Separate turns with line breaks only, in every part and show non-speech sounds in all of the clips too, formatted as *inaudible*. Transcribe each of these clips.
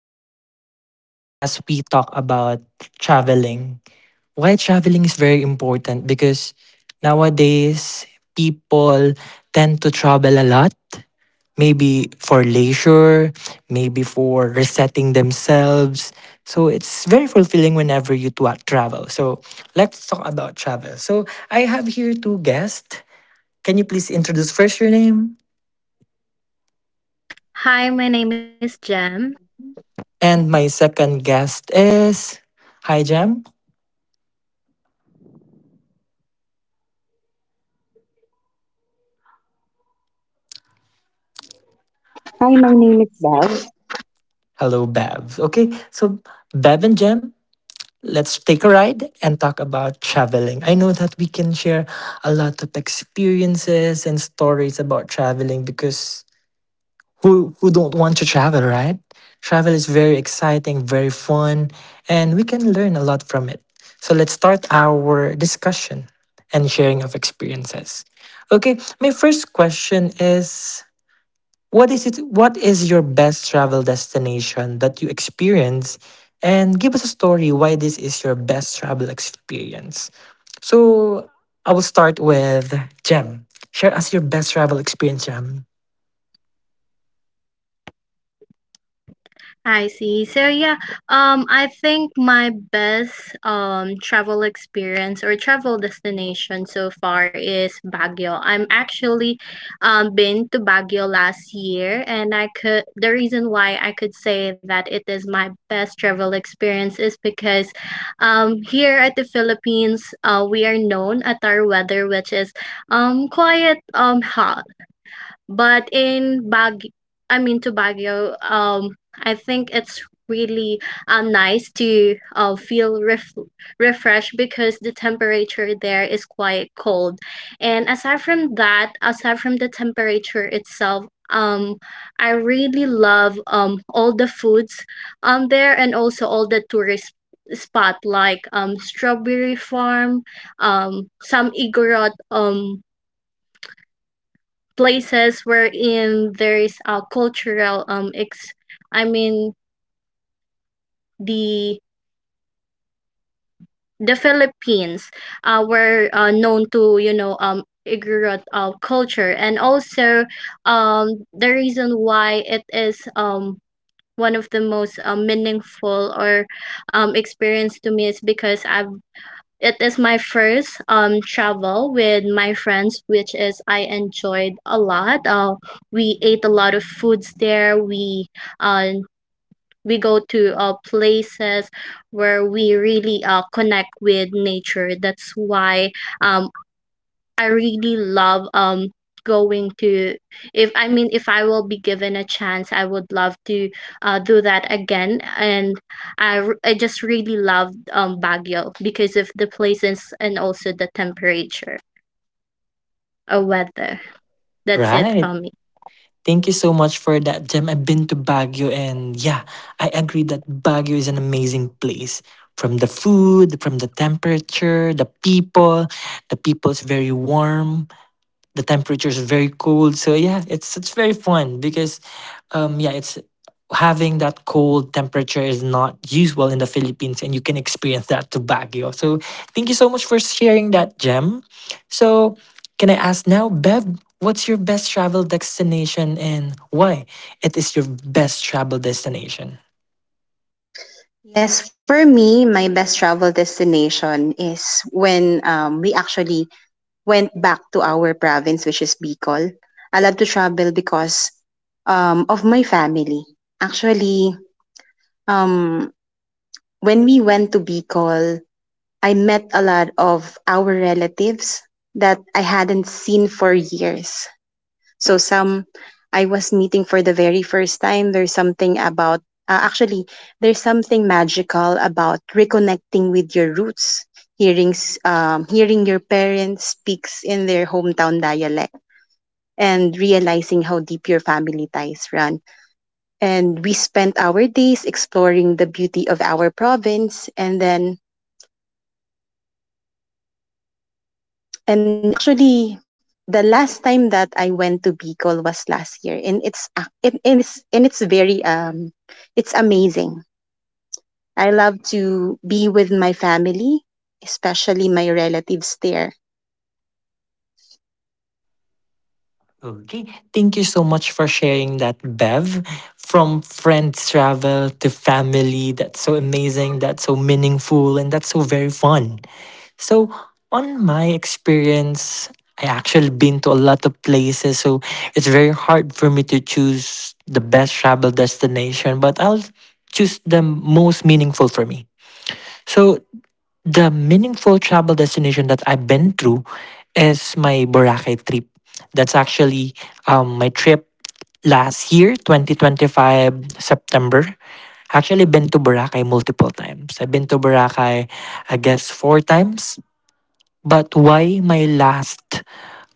joining me today as we talk about traveling. Why traveling is very important, because nowadays people tend to travel a lot, maybe for leisure, maybe for resetting themselves. So it's very fulfilling whenever you travel. So let's talk about travel. So I have here two guests. Can you please introduce first your name?
Hi, my name is Jem.
And my second guest is. Hi, Jam.
Hi, my name is Bev.
Hello, Bev. Okay, so Bev and Jam, let's take a ride and talk about traveling. I know that we can share a lot of experiences and stories about traveling, because who don't want to travel, right? Travel is very exciting, very fun, and we can learn a lot from it. So let's start our discussion and sharing of experiences. Okay, my first question is: What is your best travel destination that you experience? And give us a story why this is your best travel experience. So I will start with Jem. Share us your best travel experience, Jem.
I see. So yeah, I think my best travel experience or travel destination so far is Baguio. I'm actually been to Baguio last year, and I could the reason why I could say that it is my best travel experience is because here at the Philippines, we are known at our weather, which is quite hot. But in Bag I mean to Baguio, I think it's really nice to feel refreshed because the temperature there is quite cold. And aside from that, aside from the temperature itself, um I really love all the foods on there and also all the tourist spot like strawberry farm, some Igorot, places wherein there is a cultural ex I mean the the Philippines were known to, you know, ignorant culture, and also the reason why it is one of the most meaningful or experience to me is because I've it is my first travel with my friends, which is I enjoyed a lot. We ate a lot of foods there. Uh, we go to places where we really connect with nature. That's why um I really love going to, if I mean, if I will be given a chance I would love to do that again. And I just really love Baguio because of the places and also the temperature or weather. That's it
Right.
for me.
Thank you so much for that, Jem. I've been to Baguio, and yeah, I agree that Baguio is an amazing place. From the food, from the temperature, the people, the people's very warm, the temperature is very cold, so yeah, it's very fun because yeah, it's, having that cold temperature is not usual in the Philippines, and you can experience that to Baguio. So thank you so much for sharing that, Gem. So can I ask now, Bev, what's your best travel destination, and why it is your best travel destination?
Yes, for me, my best travel destination is when we actually went back to our province, which is Bicol. I love to travel because of my family. Actually, um, when we went to Bicol, I met a lot of our relatives that I hadn't seen for years. So some I was meeting for the very first time. There's something about actually there's something magical about reconnecting with your roots, hearing your parents speaks in their hometown dialect, and realizing how deep your family ties run. And we spent our days exploring the beauty of our province, and actually, the last time that I went to Bicol was last year, and it's ac- it, it's and it's very it's amazing. I love to be with my family, especially my relatives there.
Okay. Thank you so much for sharing that, Bev. From friends travel to family, that's so amazing, that's so meaningful, and that's so very fun. So, on my experience, I actually been to a lot of places, so it's very hard for me to choose the best travel destination, but I'll choose the most meaningful for me. So, the meaningful travel destination that I've been through is my Boracay trip. That's actually my trip last year, 2025, September. Actually been to Boracay multiple times. I've been to Boracay, I guess, four times. But why my last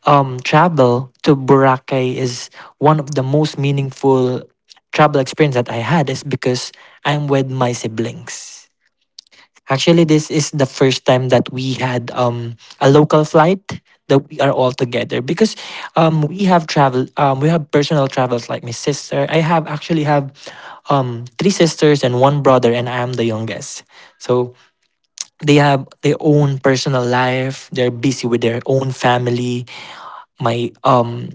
travel to Boracay is one of the most meaningful travel experience that I had is because I'm with my siblings. Actually, this is the first time that we had a local flight that we are all together, because we have travel, we have personal travels, like my sister. I have actually have three sisters and one brother, and I am the youngest. So they have their own personal life, they're busy with their own family. My um,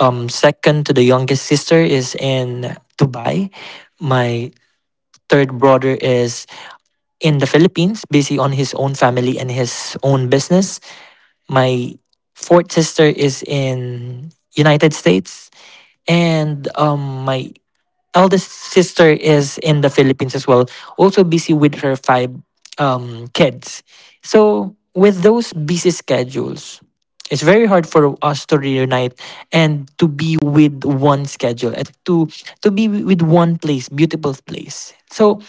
um, second to the youngest sister is in Dubai. My third brother is in the Philippines, busy on his own family and his own business. My fourth sister is in United States, and my eldest sister is in the Philippines as well, also busy with her five kids. So with those busy schedules, it's very hard for us to reunite and to be with one schedule, and to be with one place, beautiful place. So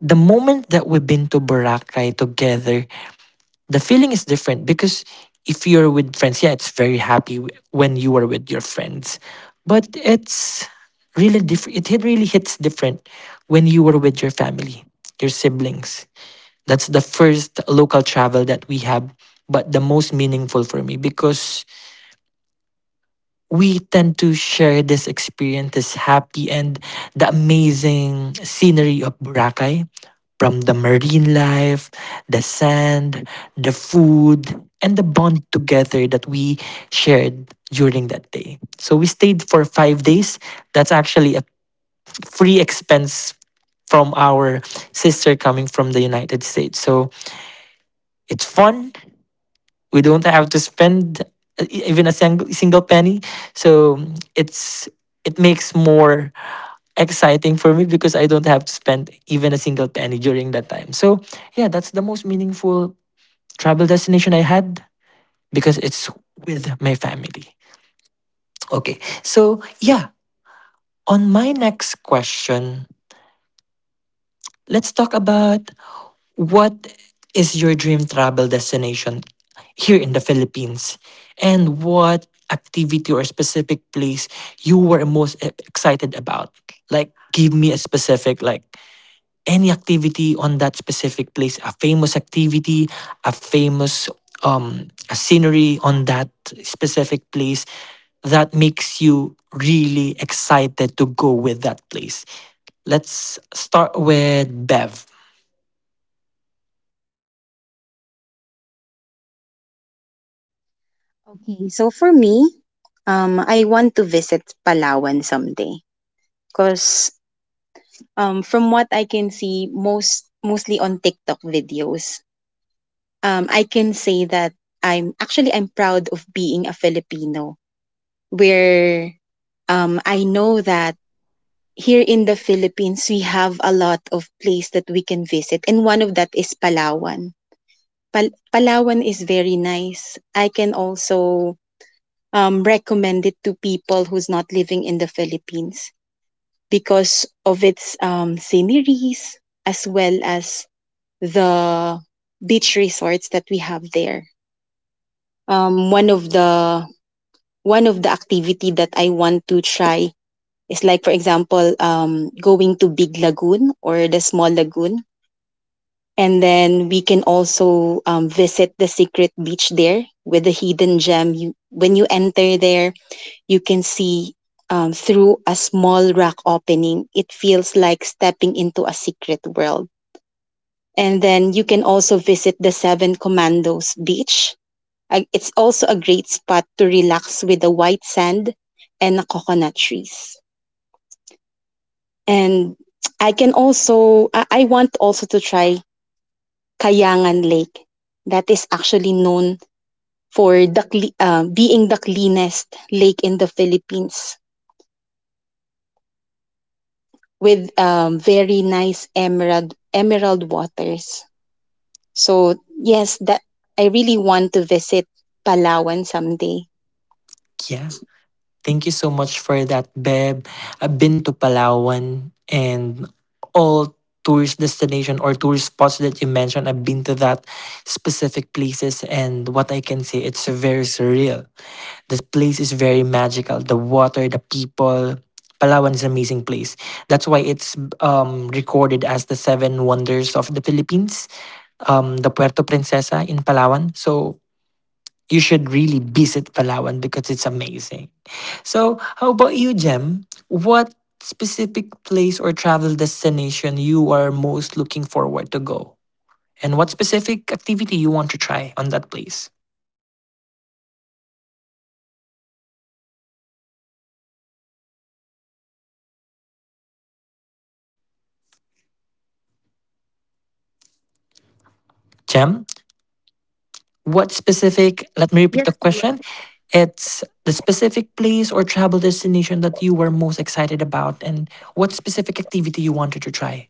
the moment that we've been to Boracay together, the feeling is different, because if you're with friends, yeah, it's very happy when you are with your friends. But it's really different. It really hits different when you are with your family, your siblings. That's the first local travel that we have, but the most meaningful for me, because we tend to share this experience, this happy and the amazing scenery of Boracay, from the marine life, the sand, the food, and the bond together that we shared during that day. So we stayed for 5 days. That's actually a free expense from our sister coming from the United States. So it's fun, we don't have to spend even a single penny, so it's, it makes more exciting for me because I don't have to spend even a single penny during that time. So yeah, that's the most meaningful travel destination I had, because it's with my family. Okay, so yeah, on my next question, let's talk about: what is your dream travel destination here in the Philippines? And what activity or specific place you were most excited about? Like, give me a specific, like, any activity on that specific place, a famous activity, a famous, a scenery on that specific place, that makes you really excited to go with that place. Let's start with Bev.
Okay, so for me, I want to visit Palawan someday because from what I can see, mostly on TikTok videos, I can say that I'm proud of being a Filipino. Where I know that here in the Philippines we have a lot of place that we can visit, and one of that is Palawan. Palawan is very nice. I can also recommend it to people who's not living in the Philippines because of its sceneries as well as the beach resorts that we have there. Um, one of the One of the activity that I want to try is like, for example, going to Big Lagoon or the small lagoon, and then we can also visit the secret beach there with the hidden gem. You When you enter there, you can see through a small rock opening. It feels like stepping into a secret world. And then you can also visit the Seven Commandos Beach. It's also a great spot to relax with the white sand and the coconut trees. And I can also, I want also to try Kayangan Lake. That is actually known for being the cleanest lake in the Philippines with very nice emerald waters. So yes, that I really want to visit Palawan someday.
Yeah. Thank you so much for that, Beb. I've been to Palawan, and all tourist destination or tourist spots that you mentioned, I've been to that specific places, and what I can say, it's very surreal. This place is very magical. The water, the people. Palawan is an amazing place. That's why it's recorded as the seven wonders of the Philippines, the Puerto Princesa in Palawan. So you should really visit Palawan because it's amazing. So, how about you, Jem? What specific place or travel destination you are most looking forward to go? And what specific activity you want to try on that place? Jem, what specific, let me repeat the
Yes,
question. It's the specific place or travel destination that you were most excited about, and what specific activity you wanted to try.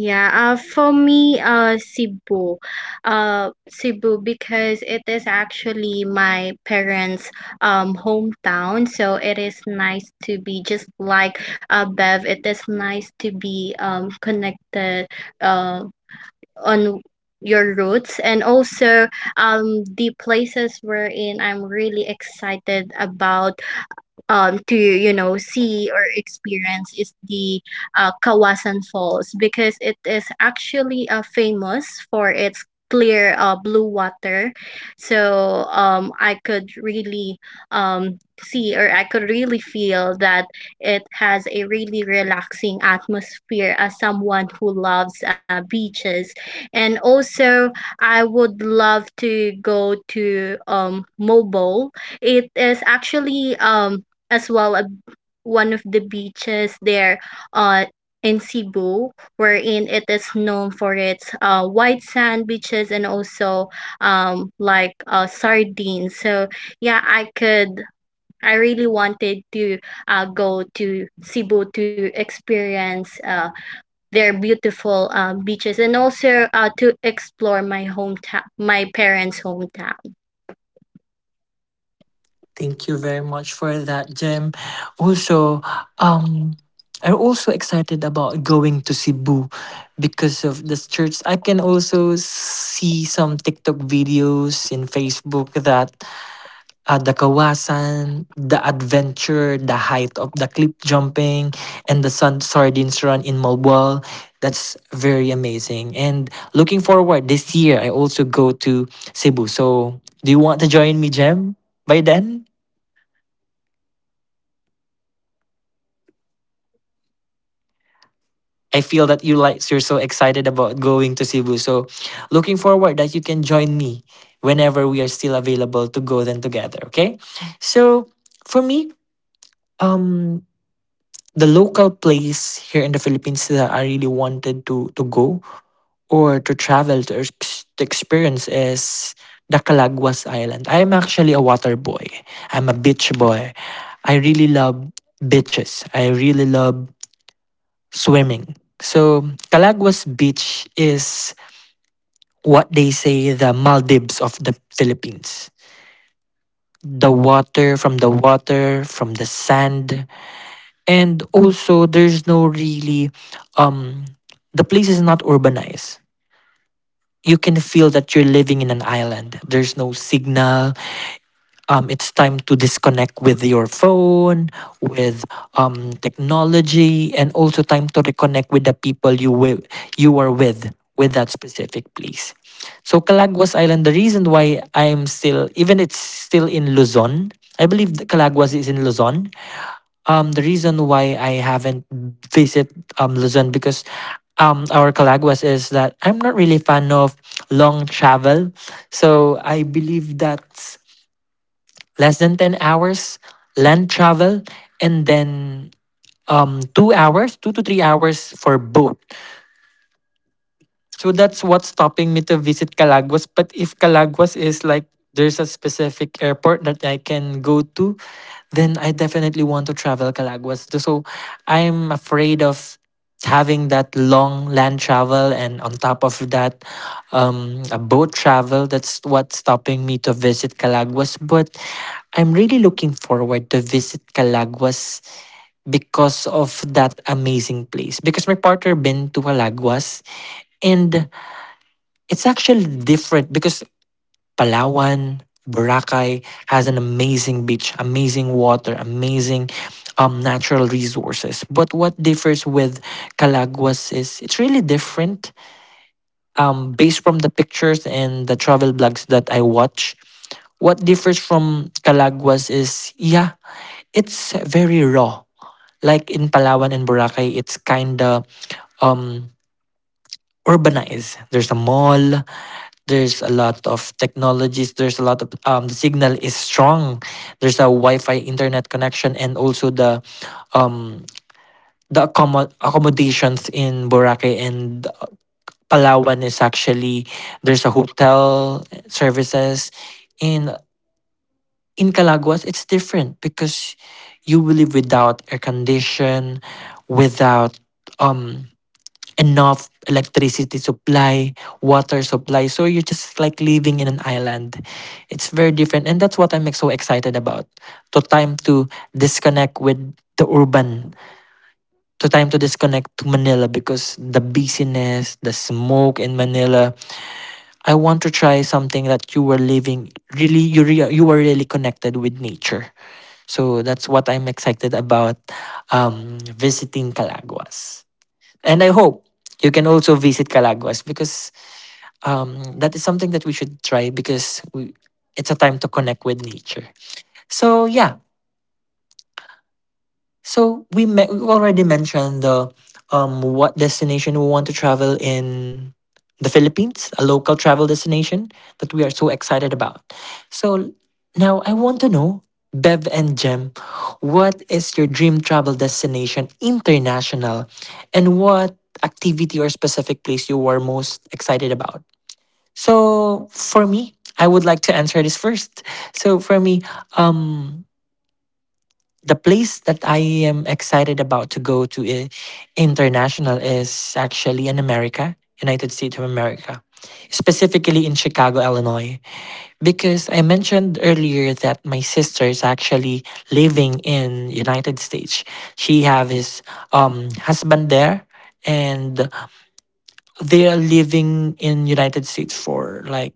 Yeah, for me, uh, Cebu, because it is actually my parents' hometown, so it is nice to be just like Bev. It is nice to be connected uh on your roots, and also the places wherein I'm really excited about to, you know, see or experience is the Kawasan Falls, because it is actually famous for its clear blue water. So I could really see, or I could really feel that it has a really relaxing atmosphere as someone who loves beaches. And also, I would love to go to Mobile. It is actually as well a, one of the beaches there uh in Cebu, wherein it is known for its white sand beaches and also like sardines. So yeah, I really wanted to go to Cebu to experience their beautiful beaches, and also to explore my hometown, my parents' hometown.
Thank you very much for that, Jim. Also, um, I'm also excited about going to Cebu because of this church. I can also see some TikTok videos in Facebook that the Kawasan, the adventure, the height of the cliff jumping, and the sun sardines run in Malboal. That's very amazing. And looking forward this year, I also go to Cebu. So, do you want to join me, Jem, by then? I feel that you like you're so excited about going to Cebu. So looking forward that you can join me whenever we are still available to go then together. Okay. So for me, um the local place here in the Philippines that I really wanted to go or to travel to, to experience, is the Calaguas Island. I am actually a water boy. I'm a beach boy. I really love beaches. I really love swimming. So, Calaguas Beach is what they say the Maldives of the Philippines. The water, from the water, from the sand. And also, there's no really, um, the place is not urbanized. You can feel that you're living in an island. There's no signal, it's time to disconnect with your phone, with technology, and also time to reconnect with the people you you are with that specific place. So Calaguas Island, the reason why I'm still, even it's still in Luzon, I believe the Calagwas is in Luzon. The reason why I haven't visit Luzon because our Calaguas is that I'm not really fan of long travel. So I believe that less than 10 hours land travel, and then 2 hours, 2 to 3 hours for boat. So that's what's stopping me to visit Calaguas. But if Calaguas is like there's a specific airport that I can go to, then I definitely want to travel Calaguas. So I'm afraid of having that long land travel, and on top of that a boat travel. That's what's stopping me to visit Calaguas, but I'm really looking forward to visit Calaguas because of that amazing place, because my partner been to Calaguas. And it's actually different because Palawan, Boracay has an amazing beach, amazing water, amazing natural resources. But what differs with Calaguas is it's really different, based from the pictures and the travel blogs that I watch. What differs from Calaguas is, yeah, it's very raw. Like in Palawan and Boracay, it's kinda um urbanized. There's a mall. There's a lot of technologies. There's a lot of, the signal is strong. There's a Wi-Fi internet connection, and also the um, accommodations in Boracay and Palawan is actually there's a hotel services. In in Calaguas, it's different because you will live without air condition, without um enough electricity supply, water supply. So you're just like living in an island. It's very different. And that's what I'm like, so excited about. To time to disconnect with the urban, to time to disconnect to Manila because the busyness, the smoke in Manila. I want to try something that you were living really, you, you were really connected with nature. So that's what I'm excited about, visiting Calaguas. And I hope you can also visit Calaguas because that is something that we should try because we, it's a time to connect with nature. So, yeah, so we we already mentioned the, what destination we want to travel in the Philippines, a local travel destination that we are so excited about. So now I want to know Bev and Jem, what is your dream travel destination international and what activity or specific place you are most excited about? So for me, I would like to answer this first. So for me, um the place that I am excited about to go to international is actually in America, United States of America, specifically in Chicago, Illinois. Because I mentioned earlier that my sister is actually living in United States. She have his husband there, and they are living in United States for like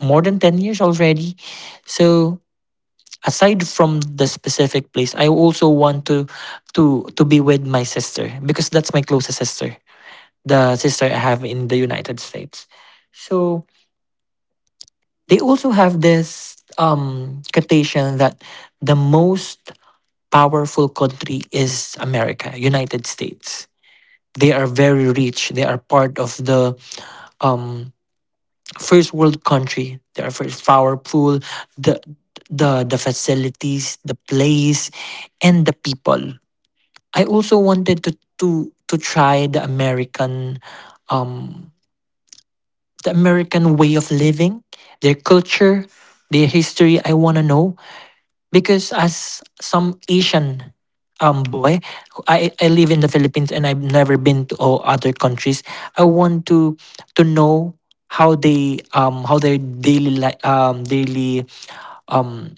more than 10 years already. So aside from the specific place, I also want to to be with my sister because that's my closest sister, the sister I have in the United States. So they also have this quotation that the most powerful country is America, United States. They are very rich. They are part of the um first world country. They are very powerful. The the facilities, the place, and the people. I also wanted to to try um the American way of living, their culture, their history I want to know because as some Asian boy, I live in the Philippines and I've never been to all other countries. I want to know how they how their daily daily um,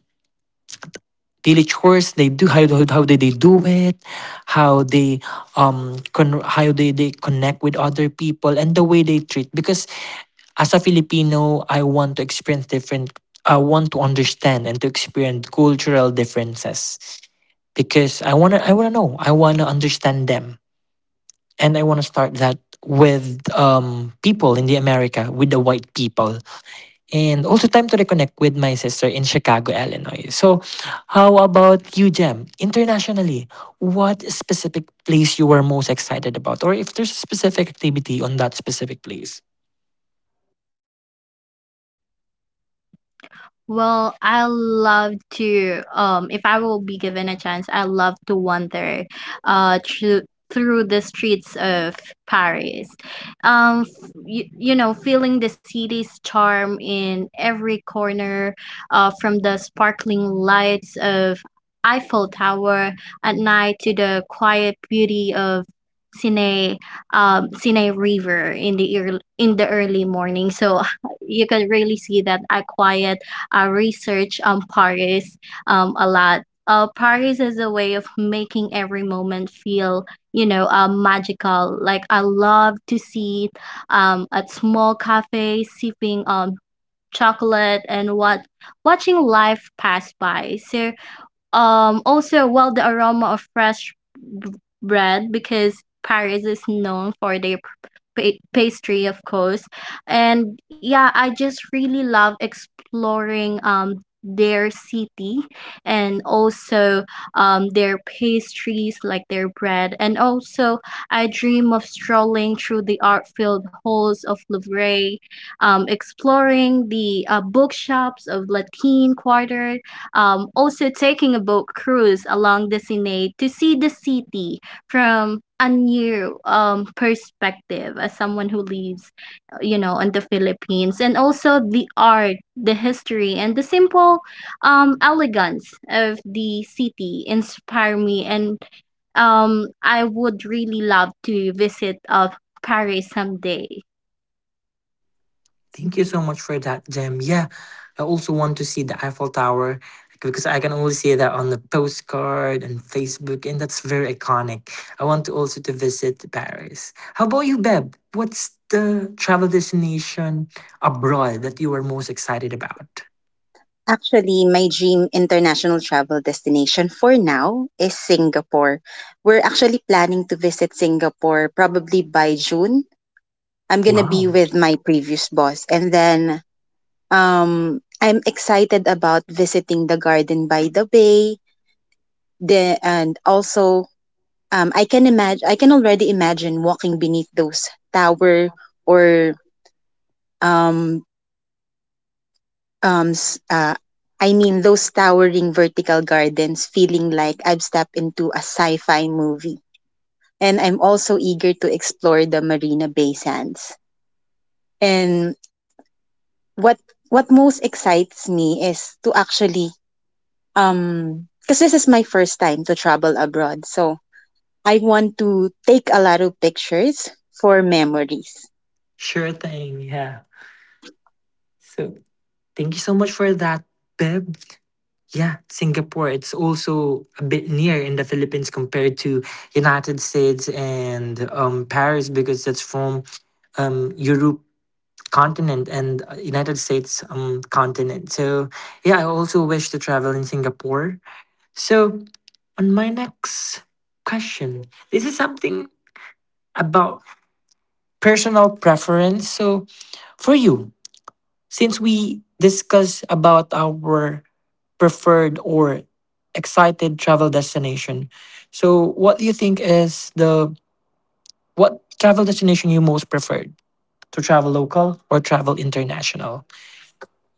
daily chores they do how, how they do it how they how they connect with other people and the way they treat because as a filipino I want to experience different I want to understand and to experience cultural differences because I want to I want to know I want to understand them and I want to start that with people in the America with the white people and also time to reconnect with my sister in Chicago, Illinois. So, how about you, Jem? Internationally, what specific place you were most excited about, or if there's a specific activity on that specific place?
Well, I love to, if I will be given a chance, I love to wander through the streets of Paris. You, you know, feeling the city's charm in every corner, from the sparkling lights of Eiffel Tower at night to the quiet beauty of Seine, Seine River in the early morning. So *laughs* you can really see that a quiet, I research on Paris a lot. Paris is a way of making every moment feel, you know, magical. Like I love to see at small cafes sipping chocolate and what watching life pass by. So also, well, the aroma of fresh b- bread, because Paris is known for their pastry, of course. And yeah, I just really love exploring their city and also their pastries, like their bread. And also, I dream of strolling through the art-filled halls of Louvre, exploring the bookshops of Latin Quarter, also taking a boat cruise along the Sinay to see the city from a new perspective as someone who lives, you know, in the Philippines. And also the art, the history, and the simple elegance of the city inspire me. And I would really love to visit Paris someday.
Thank you so much for that, Jem. Yeah, I also want to see the Eiffel Tower because I can only see that on the postcard and Facebook, and that's very iconic. I want to also to visit Paris. How about you, Beb? What's the travel destination abroad that you are most excited about?
Actually, my dream international travel destination for now is Singapore. We're actually planning to visit Singapore probably by June. I'm going to be
Wow,
with my previous boss. And then I'm excited about visiting the garden by the bay. The, and also, I can imagine, I can already imagine walking beneath those tower or um, s- I mean those towering vertical gardens, feeling like I've stepped into a sci-fi movie. And I'm also eager to explore the Marina Bay Sands. And what what most excites me is to actually, because this is my first time to travel abroad. So I want to take a lot of pictures for memories.
sure thing. Yeah. So thank you so much for that, Beb. Yeah, Singapore. It's also a bit near in the Philippines compared to United States and Paris because that's from Europe continent and United States continent. So yeah, I also wish to travel in Singapore. So on my next question, this is something about personal preference. So for you, since we discuss about our preferred or excited travel destination. So, what do you think is the what travel destination you most preferred to travel local or travel international?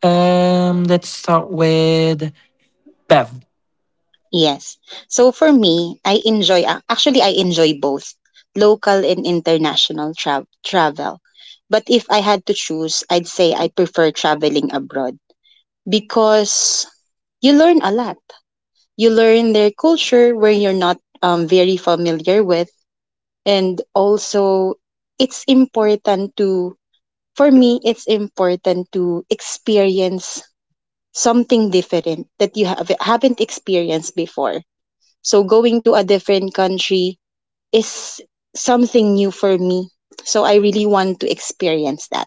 Let's start with Bev.
Yes. So for me, actually I enjoy both local and international travel. But if I had to choose, I'd say I prefer traveling abroad because you learn a lot. You learn their culture where you're not very familiar with, and also it's important to, for me it's important to experience something different that you have, haven't experienced before. So going to a different country is something new for me. So I really want to experience that.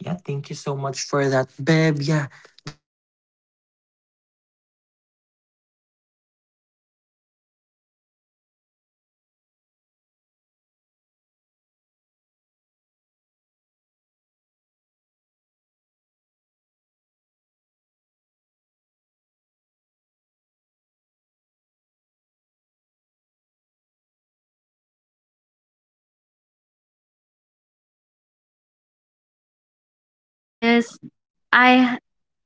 Yeah, thank you so much for that, Bev. Yeah, the culture, the history, and the way that other people or other can other nationality lives is very interesting. That you can learn a lot. How about you, Jem? What do you prefer, local travel or international?
Well, I would like to, you know, express my preference really on for international travel, because I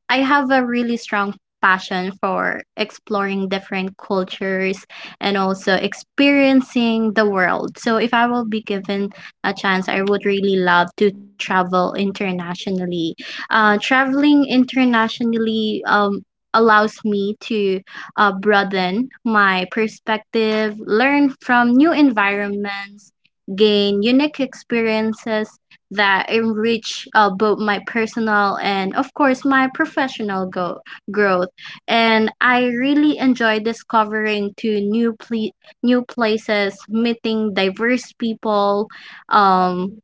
I have a really strong passion for exploring different cultures and also experiencing the world. So if I will be given a chance, I would really love to travel internationally. Traveling internationally allows me to broaden my perspective, learn from new environments, gain unique experiences that enrich both my personal and, of course, my professional growth. And I really enjoy discovering to new places, meeting diverse people, um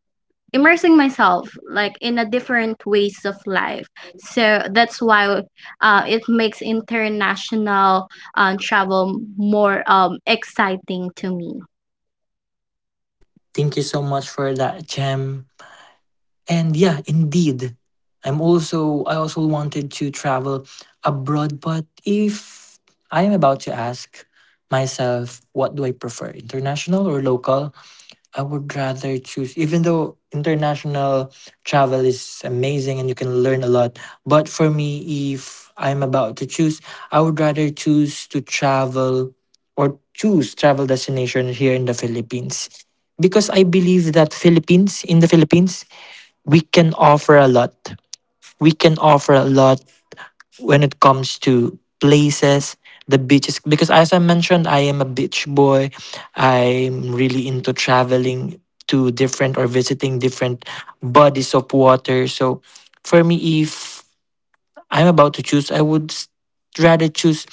immersing myself like in a different ways of life. So that's why it makes international travel more exciting to me.
Thank you so much for that, Jem. And yeah, indeed. I also wanted to travel abroad, but if I am about to ask myself what do I prefer, international or local, I would rather choose, even though international travel is amazing and you can learn a lot. But for me, if I'm about to choose, I would rather choose to travel or choose travel destination here in the Philippines. Because I believe that Philippines, in the Philippines, we can offer a lot. We can offer a lot when it comes to places, the beaches. Because as I mentioned, I am a beach boy. I'm really into traveling to different or visiting different bodies of water. So for me, if I'm about to choose, I would rather choose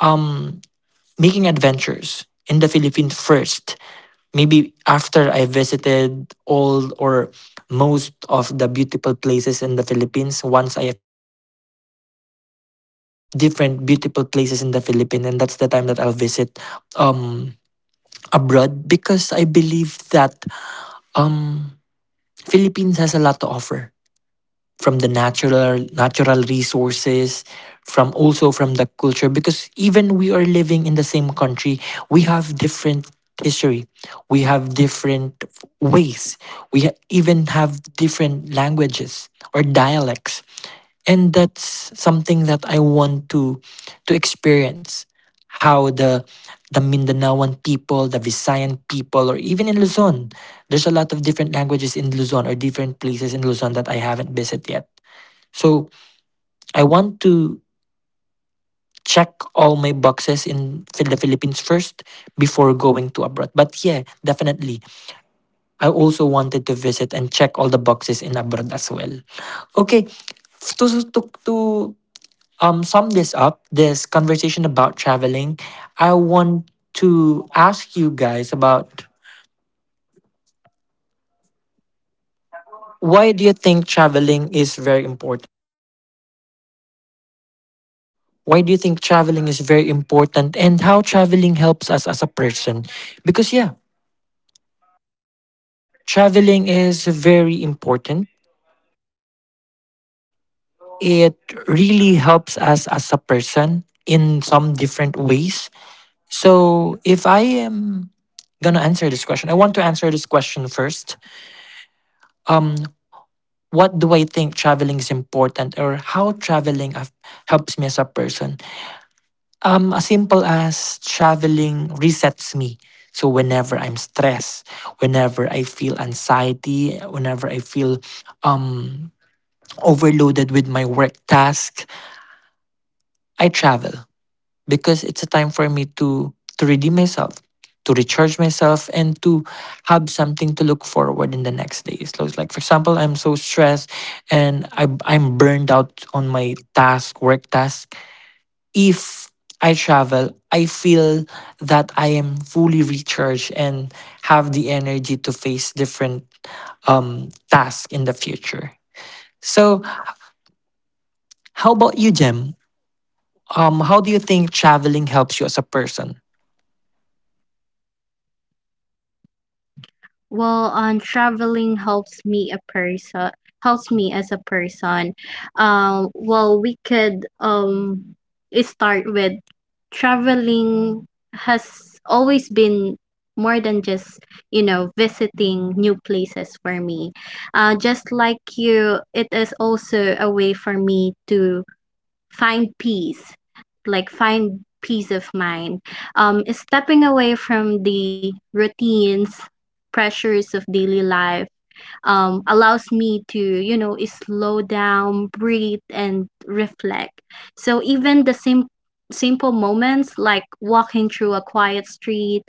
um making adventures in the Philippines first, maybe after I visited all or most of the beautiful places in the Philippines, once I finish my bucket list of different beautiful places in the Philippines, and that's the time that I'll visit um abroad because I believe that um Philippines has a lot to offer from the natural resources from also from the culture because even we are living in the same country we have different history we have different ways we even have different languages or dialects and that's something that I want to experience how the Mindanaoan people, the Visayan people, or even in Luzon, there's a lot of different languages in Luzon or different places in Luzon that I haven't visited yet. So I want to check all my boxes in the Philippines first before going to abroad. But yeah, definitely. I also wanted to visit and check all the boxes in abroad as well. Okay, to, to, to sum this up, this conversation about traveling, I want to ask you guys about why do you think traveling is very important? Why do you think traveling is very important and how traveling helps us as a person? Because, yeah, traveling is very important. It really helps us as a person in some different ways. So, if I am gonna answer this question, I want to answer this question first. Um, what do I think traveling is important, or how traveling helps me as a person? As simple as traveling resets me. So whenever I'm stressed, whenever I feel anxiety, whenever I feel um, overloaded with my work task, I travel because it's a time for me to redeem myself, to recharge myself, and to have something to look forward in the next days. So it's like, for example, I'm so stressed and I'm burned out on my task, work task. If I travel, I feel that I am fully recharged and have the energy to face different tasks in the future. So, how about you, Jem? How do you think traveling helps you as a person?
Well, traveling helps me a person helps me as a person. Well, we could start with, traveling has always been more than just, you know, visiting new places for me. Just like you, it is also a way for me to find peace find peace of mind. Is stepping away from the routines, pressures of daily life, allows me to, you know, is slow down, breathe, and reflect. So even the same simple moments like walking through a quiet street,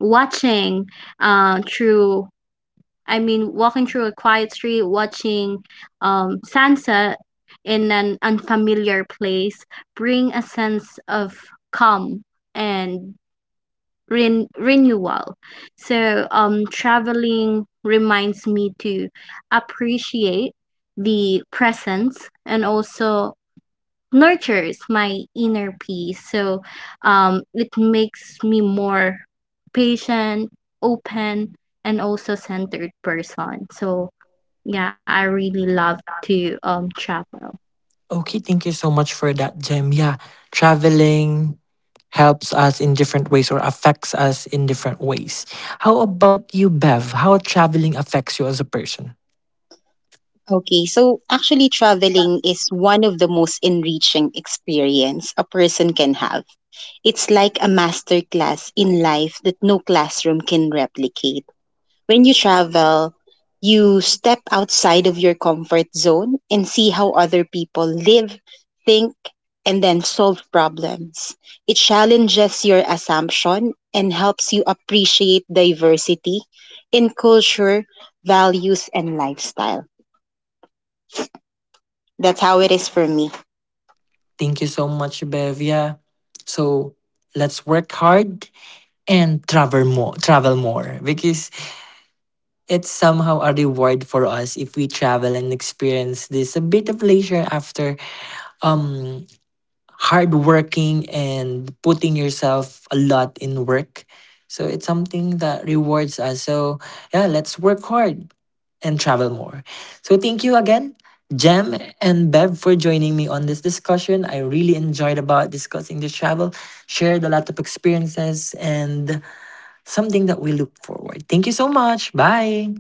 watching through I mean, walking through a quiet street, watching sunset in an unfamiliar place, bring a sense of calm and renewal. So, traveling reminds me to appreciate the presence, and also nurtures my inner peace. So it makes me more patient, open, and also centered person. So yeah, I really love to travel.
Okay, thank you so much for that, Jem. Yeah, traveling helps us in different ways or affects us in different ways. How about you, Bev? How traveling affects you as a person?
Okay, so actually traveling is one of the most enriching experience a person can have. It's like a masterclass in life that no classroom can replicate. When you travel, you step outside of your comfort zone and see how other people live, think, and then solve problems. It challenges your assumption and helps you appreciate diversity in culture, values, and lifestyle. That's how it is for me.
Thank you so much, Bev. Yeah. So let's work hard and travel more. Travel more because it's somehow a reward for us if we travel and experience this a bit of leisure after um hard working and putting yourself a lot in work. So it's something that rewards us. So yeah, let's work hard and travel more. So thank you again, Jem and Bev for joining me on this discussion. I really enjoyed about discussing this travel, shared a lot of experiences and something that we look forward. Thank you so much. Bye.